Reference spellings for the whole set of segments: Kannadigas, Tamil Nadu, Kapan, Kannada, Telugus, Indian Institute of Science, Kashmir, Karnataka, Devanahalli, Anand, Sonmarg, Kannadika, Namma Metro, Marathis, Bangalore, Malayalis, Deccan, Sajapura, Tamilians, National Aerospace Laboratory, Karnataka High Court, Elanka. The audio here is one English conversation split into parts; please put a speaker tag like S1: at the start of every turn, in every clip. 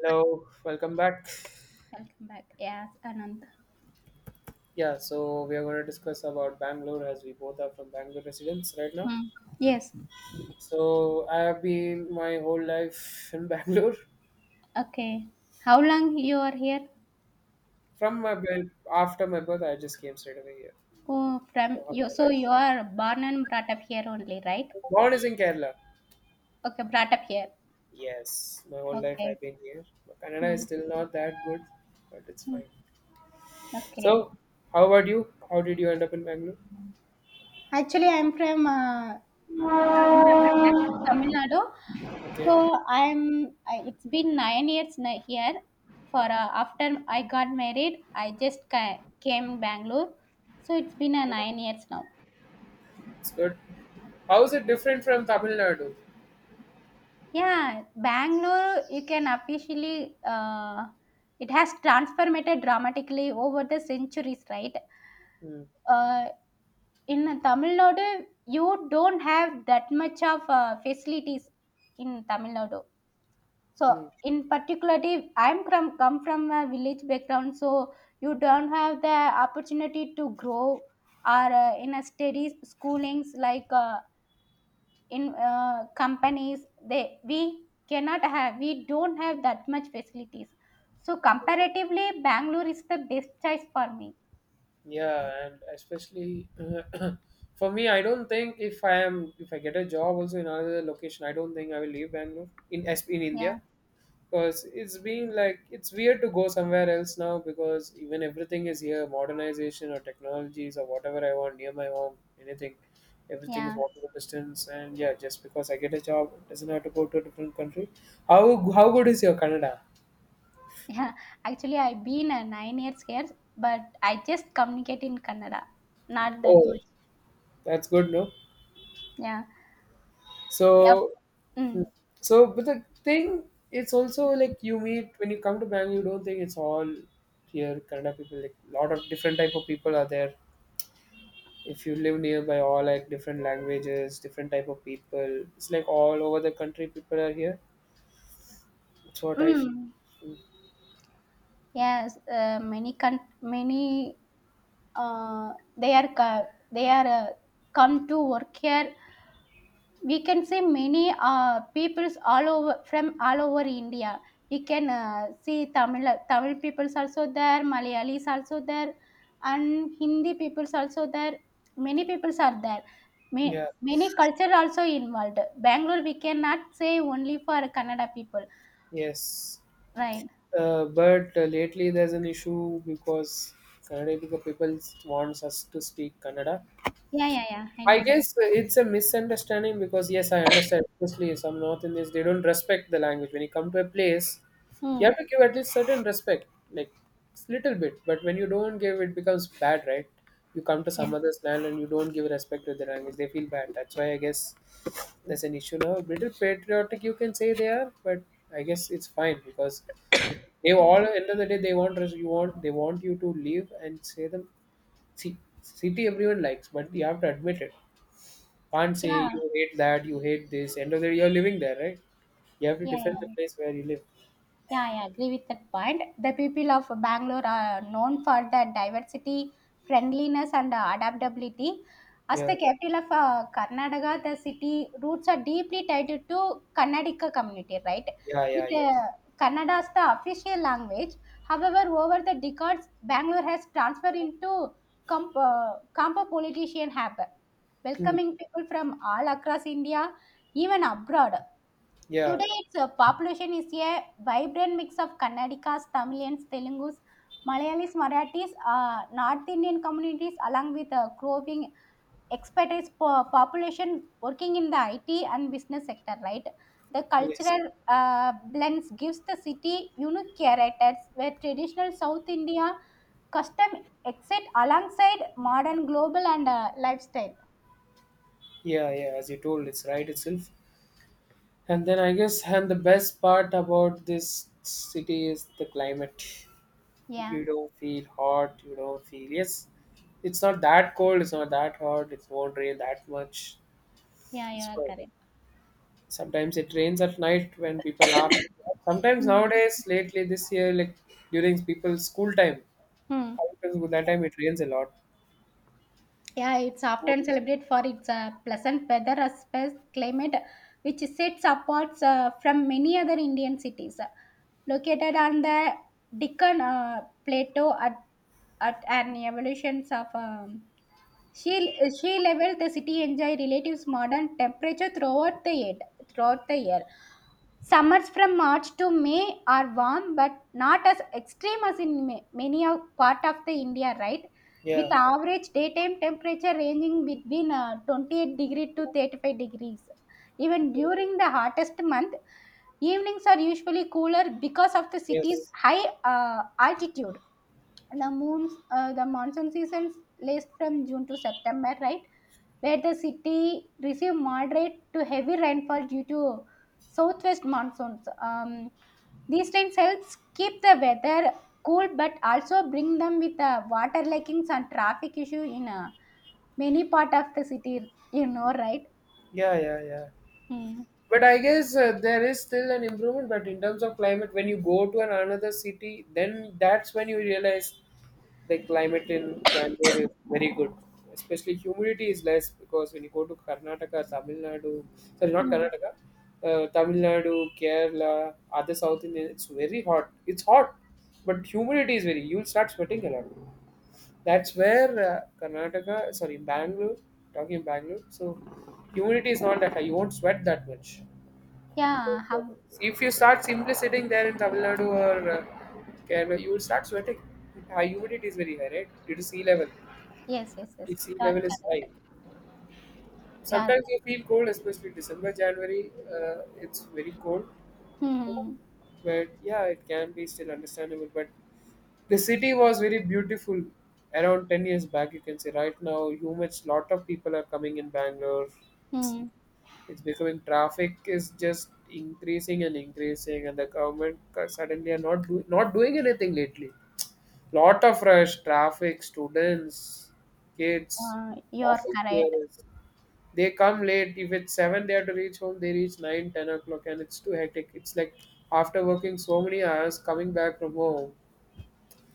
S1: Hello, welcome back.
S2: Welcome back. Yes, Anand.
S1: Yeah, so we are going to discuss about Bangalore as we both are from Bangalore residents right now.
S2: Hmm. Yes.
S1: So I have been my whole life in Bangalore.
S2: Okay. How long you are here?
S1: From my birth, after my birth, I just came straight away here.
S2: Oh,
S1: So
S2: from
S1: all
S2: you.
S1: my
S2: So
S1: life.
S2: you are born and brought up here only, right?
S1: Born is in Kerala.
S2: Okay, brought up here.
S1: Yes, my whole life
S2: Okay.
S1: I've been here, but Kannada is
S2: Hmm.
S1: still not that good, but it's
S2: Hmm.
S1: fine.
S2: Okay.
S1: So, how about you? How did you end up in Bangalore?
S2: Actually, I'm from Tamil Nadu. I'm actually Tamil Nadu. So
S1: Okay,
S2: I'm. It's been 9 years here. For After I got married, I just came Bangalore. So it's been a 9 years now.
S1: it's good. How is it different from Tamil Nadu?
S2: Yeah, Bangalore, you can officially, it has transformed dramatically over the centuries, right?
S1: Hmm.
S2: Uh, in Tamil Nadu, you don't have that much of facilities in Tamil Nadu. So,
S1: Hmm.
S2: in particularly, come from a village background, so you don't have the opportunity to grow or in a steady schoolings like in companies they we cannot have we don't have that much facilities, so comparatively Bangalore is the best choice for me.
S1: Yeah, and especially for me, I don't think if I am if I get a job also in another location, I don't think I will leave Bangalore in S P in India
S2: Yeah.
S1: because it's been like it's weird to go somewhere else now because even everything is here, modernization or technologies or whatever I want near my home, anything, everything is
S2: Yeah.
S1: walkable distance, and yeah, just because I get a job, it doesn't have to go to a different country. How good is your Canada?
S2: Yeah, actually I've been 9 years here, but I just communicate in Kannada, not that
S1: Oh,
S2: much.
S1: that's good, no?
S2: Yeah. Yep.
S1: So, mm.
S2: Mm.
S1: So, but the thing, it's also like you meet when you come to Bangalore, you don't think it's all here Kannada people. Like a lot of different type of people are there. If you live nearby, all like different languages, different type of people. It's like all over the country, people are here. That's what I feel.
S2: Mm. Yes, many many uh, they are co- they are come to work here. We can see many peoples all over, from all over India. We can see Tamil peoples also there, Malayalis also there, and Hindi peoples also there. Many peoples are there.
S1: Yeah.
S2: Many culture also involved. Bangalore we cannot say only for Kannada people,
S1: Yes.
S2: right?
S1: But lately, there's an issue because Kannada people wants us to speak Kannada.
S2: Yeah, yeah, yeah, I
S1: I
S2: know that.
S1: guess it's a misunderstanding because yes, I understand. Obviously, some North Indians they don't respect the language. When you come to a place, you
S2: Hmm.
S1: have to give at least certain respect, like s- little bit. But when you don't give, it becomes bad, right? You come to
S2: Yes.
S1: some other's land and you don't give respect to the language, they feel bad. That's why I guess there's an issue now. A little patriotic, you can say they are, but I guess it's fine because if they
S2: Yeah.
S1: all end of the day they want res- you want they want you to leave and say them. See, city everyone likes, but you have to admit it can't say
S2: Yeah.
S1: you hate that, you hate this. End of the day, you're living there, right? You have to
S2: Yeah.
S1: defend the
S2: Yeah.
S1: place where you live.
S2: Yeah, I agree with that point. The people of Bangalore are known for their diversity, friendliness, and adaptability. As
S1: Yeah,
S2: the capital of Karnataka, the city roots are deeply tied to Kannadika community, right?
S1: yeah, yeah,
S2: With
S1: yes.
S2: Kannada as the official language. However, over the decades, Bangalore has transferred into compo-politician hub,
S1: Hmm.
S2: welcoming people from all across India, even abroad.
S1: Yeah,
S2: Today, its population is a vibrant mix of Kannadigas, Tamilians, Telugus, Malayalis, Marathis, North Indian communities, along with a growing expatriate population working in the IT and business sector, right? The
S1: yes,
S2: cultural blends gives the city unique characters where traditional South India custom exit alongside modern global and lifestyle.
S1: yeah, yeah. As you told, it's right itself. And then I guess, and the best part about this city is the climate.
S2: Yeah,
S1: You don't feel hot. You don't feel yes. It's not that cold. It's not that hot. It won't rain that much.
S2: yeah, you
S1: It's
S2: are
S1: fine.
S2: correct.
S1: Sometimes it rains at night when people are sometimes
S2: Mhm.
S1: nowadays lately this year like during people's school time
S2: Hmm.
S1: that time it rains a lot.
S2: Yeah, it's often
S1: Schools,
S2: celebrated for its pleasant weather as well as climate, which sets apart from many other Indian cities. Located on the Deccan Plateau at an evolution of sea level, the city enjoys relative modern temperature throughout the year. Throughout the year. Summers from March to May are warm, but not as extreme as in many of part of the India, right? With
S1: yeah,
S2: average daytime temperature ranging between 28 degree to 35 degrees. Even during the hottest month, evenings are usually cooler because of the city's
S1: yes,
S2: high altitude. The monsoon seasons lasts from June to September, right? Where the city received moderate to heavy rainfall due to southwest monsoons. These rains helps keep the weather cool, but also bring them with water leakings and traffic issue in many part of the city, you know, right?
S1: yeah, yeah, yeah.
S2: Hmm.
S1: But I guess there is still an improvement. But in terms of climate, when you go to an, another city, then that's when you realize the climate in Bangalore is very good. Especially humidity is less because when you go to Karnataka, Tamil Nadu, sorry, not
S2: Hmm.
S1: Karnataka, Tamil Nadu, Kerala, other South Indian, it's very hot. It's hot, but humidity is very. You'll start sweating a lot. That's where Karnataka, sorry, Bangalore, talking Bangalore. So humidity is not that high. You won't sweat that much.
S2: Yeah, how,
S1: If you start simply sitting there in Tamil Nadu or Kerala, you will start sweating. High humidity is very high, right? Due to sea level.
S2: yes, yes, yes,
S1: If sea
S2: you are
S1: level is
S2: correct.
S1: high,
S2: Yeah.
S1: sometimes you feel cold, especially December, January. It's very cold,
S2: Hmm.
S1: but yeah, it can be still understandable. But the city was very beautiful around 10 years back, you can say right now humans lot of people are coming in Bangalore,
S2: Hmm.
S1: it's becoming traffic is just increasing and increasing, and the government ca- suddenly are not not doing anything lately. Lot of rush traffic, students, kids,
S2: You are
S1: office
S2: correct.
S1: parents, they come late if it's 7, they have to reach home, they reach 9, 10 o'clock, and it's too hectic. It's like after working so many hours coming back from home,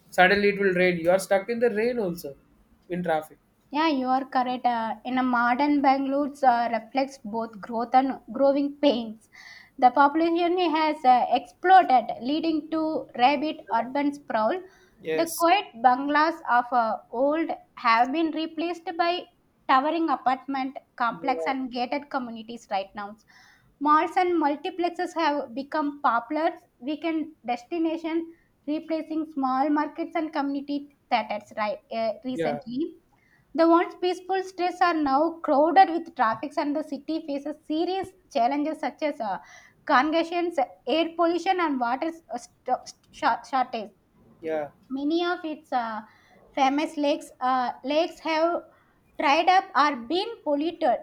S1: suddenly it will rain, you are stuck in the rain also in traffic.
S2: Yeah, you are correct. In a modern Bangalore, reflects both growth and growing pains. The population has exploded, leading to rabid urban sprawl. The
S1: Yes,
S2: quiet bungalows of old have been replaced by towering apartment complex
S1: yeah,
S2: and gated communities right now. Malls and multiplexes have become popular weekend destination, replacing small markets and community theaters right
S1: yeah,
S2: recently. The once peaceful streets are now crowded with traffic, and the city faces serious challenges such as congestion, air pollution, and water shortage.
S1: yeah.
S2: Many of its famous lakes have dried up or been polluted,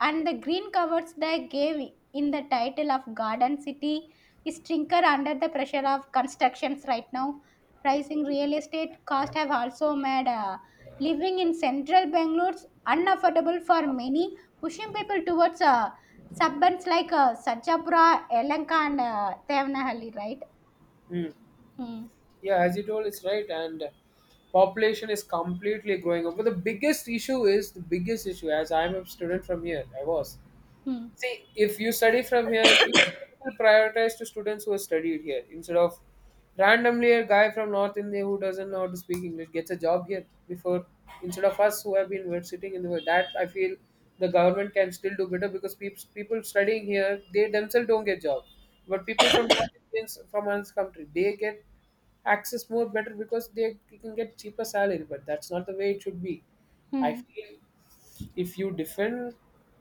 S2: and the green covers they gave in the title of Garden City is trinker under the pressure of constructions right now. Rising real estate costs have also made living in central Bangalore unaffordable for many, pushing people towards suburbs like Sajapura, Elanka, and Devanahalli, right?
S1: Hmm.
S2: Hmm.
S1: Yeah, as you told, it's right, and population is completely growing up. But the biggest issue is the biggest issue. As I'm a student from here, I was.
S2: Hmm.
S1: See, if you study from here, you will prioritize to students who have studied here instead of randomly a guy from North India who doesn't know how to speak English gets a job here before instead of us who have been were sitting in the world. That I feel the government can still do better because people studying here they themselves don't get job, but people from North Indians from another country they get access more better because they can get cheaper salary. But that's not the way it should be. I
S2: Hmm.
S1: feel. If you defend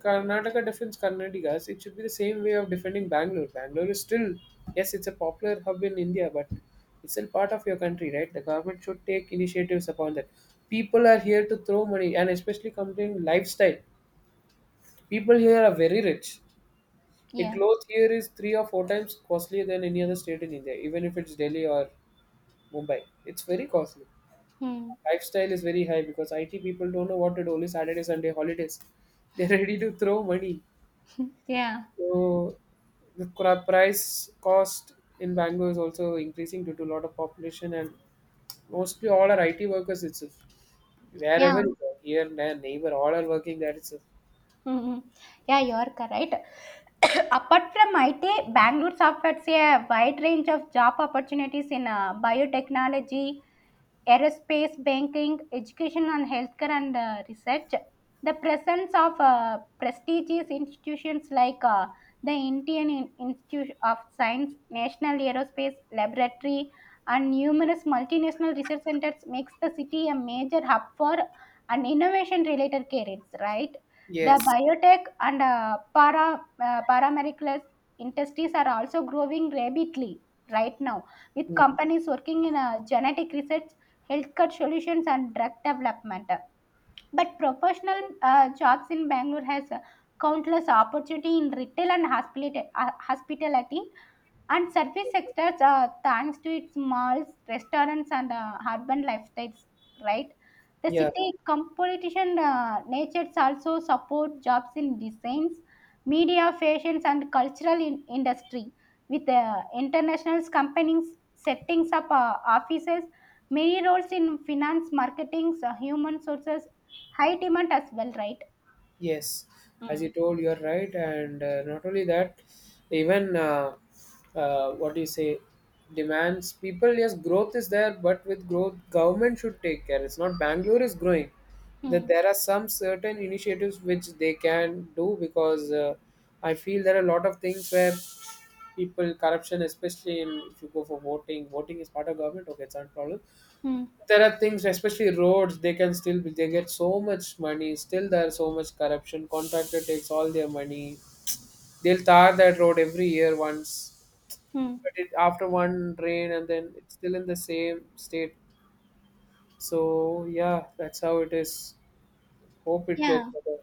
S1: Karnataka defends Karnatika's, it should be the same way of defending Bangalore. Bangalore is still, yes, it's a popular hub in India, but it's still part of your country, right? The government should take initiatives upon that. People are here to throw money, and especially comparing lifestyle. People here are very rich. A
S2: Yeah.
S1: cloth here is three or four times costlier than any other state in India, even if it's Delhi or Mumbai. It's very costly,
S2: Hmm.
S1: lifestyle is very high because IT people don't know what to do. Only Saturday, Sunday holidays. They're ready to throw money.
S2: Yeah.
S1: So the cra- price cost in Bangalore is also increasing due to a lot of population, and mostly all are IT workers itself.
S2: Yeah.
S1: Wherever you go, here, there, neighbor, all are working there itself.
S2: Mhm. Yeah, you are correct. Apart from IT, Bangalore offers a wide range of job opportunities in biotechnology, aerospace, banking, education and healthcare, and research. The presence of prestigious institutions like the Indian Institute of Science, National Aerospace Laboratory, and numerous multinational research centers makes the city a major hub for an innovation-related careers, right? The
S1: Yes.
S2: biotech and paramedical industries are also growing rapidly right now, with
S1: Mm.
S2: companies working in genetic research, healthcare solutions, and drug development. But professional jobs in Bangalore has countless opportunity in retail and hospitality and service sectors, thanks to its malls, restaurants, and urban lifestyles, right? The
S1: Yeah.
S2: city competition natures also support jobs in designs, media, fashions, and cultural industry. With international companies setting up offices, many roles in finance, marketing, human sources, high demand as well, right?
S1: Yes, as you
S2: Mm.
S1: told, you are right, and not only that, even what do you say, demands people. Yes, growth is there, but with growth, government should take care. It's not Bangalore is growing. That
S2: Hmm.
S1: there are some certain initiatives which they can do because I feel there are a lot of things where people corruption, especially in, if you go for voting, voting is part of government. Okay, it's not a problem,
S2: Hmm.
S1: there are things especially roads they can still be they get so much money, still there's so much corruption, contractor takes all their money, they'll tar that road every year once,
S2: Hmm.
S1: but it, after one rain and then it's still in the same state. So yeah, that's how it is. Hope it gets
S2: Yeah.
S1: better.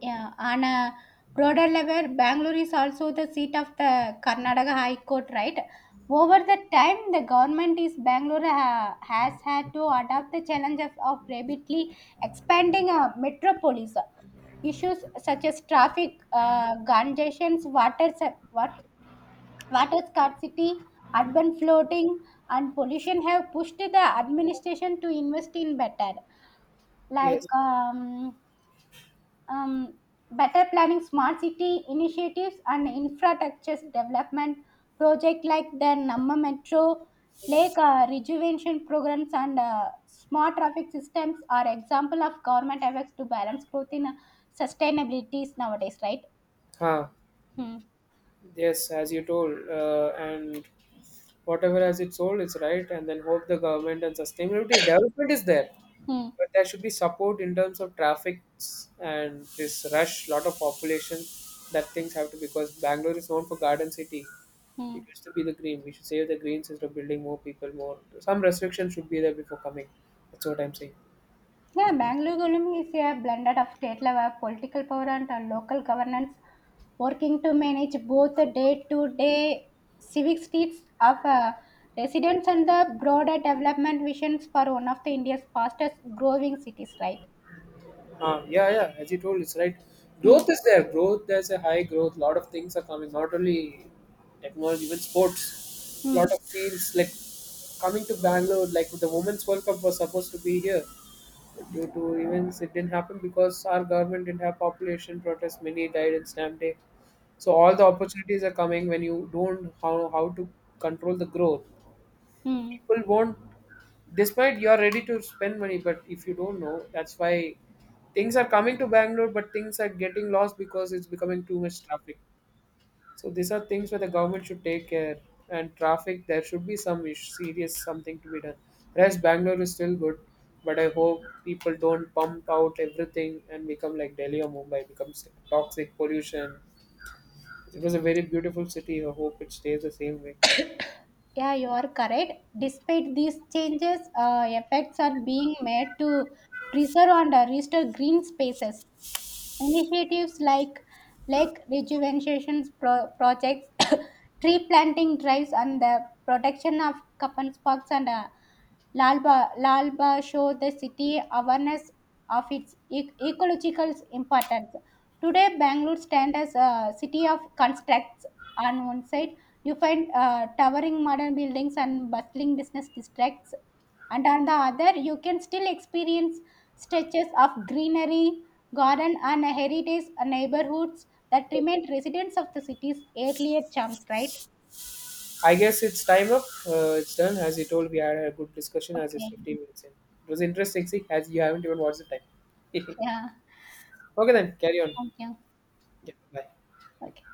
S2: Yeah, on a broader level, Bangalore is also the seat of the Karnataka High Court, right? Over the time, the government is Bangalore has had to adapt the challenge of rapidly expanding a metropolis. Issues such as traffic congestions, water scarcity, urban flooding, and pollution have pushed the administration to invest in better, like
S1: Yes.
S2: um, better planning, smart city initiatives, and infrastructure development project like the Namma Metro. Lake Rejuvenation programs and smart traffic systems are example of government efforts to balance growth in sustainabilities nowadays, right?
S1: Huh.
S2: Hmm.
S1: Yes, as you told, and whatever as its sold, it's right, and then hope the government and sustainability development is there.
S2: Hmm.
S1: But there should be support in terms of traffic and this rush, lot of population, that things have to because Bangalore is known for garden city.
S2: Hmm.
S1: It used to be the green. We should save the greens instead of building more people, more. Some restrictions should be there before coming. That's what I'm saying.
S2: Yeah, Bangalore economy is a blended of state level political power and local governance, working to manage both the day-to-day civic needs of residents and the broader development visions for one of the India's fastest growing cities. Right?
S1: Yeah, yeah, as you told, it's right.
S2: Hmm.
S1: Growth is there. Growth, there's a high growth. A lot of things are coming, not only technology, even sports.
S2: Hmm.
S1: Lot of fields, like coming to Bangalore, like the Women's World Cup was supposed to be here. Due to events, it didn't happen because our government didn't have population protests. Many died in Stamp Day. So all the opportunities are coming when you don't how to control the growth.
S2: Hmm.
S1: People won't, despite you are ready to spend money, but if you don't know, that's why things are coming to Bangalore, but things are getting lost because it's becoming too much traffic. So these are things where the government should take care, and traffic, there should be some ish- serious something to be done. Whereas Bangalore is still good, but I hope people don't pump out everything and become like Delhi or Mumbai, becomes toxic pollution. It was a very beautiful city, I hope it stays the same way.
S2: Yeah, you are correct. Despite these changes, efforts are being made to preserve and restore green spaces. Initiatives like lake rejuvenation projects, tree planting drives, and the protection of Kapan parks and Lalba show the city awareness of its ecological importance. Today, Bangalore stands as a city of constructs. On one side, you find towering modern buildings and bustling business districts, and on the other, you can still experience stretches of greenery, garden, and heritage neighborhoods that remain residents of the city's earlier charms. Right?
S1: I guess it's time up. It's done. As you told, we had a good discussion as it's
S2: Okay.
S1: 15 minutes in. It was interesting, see, as you haven't even watched the time.
S2: Yeah.
S1: Okay, then, carry on.
S2: Thank you.
S1: Yeah, bye.
S2: Okay.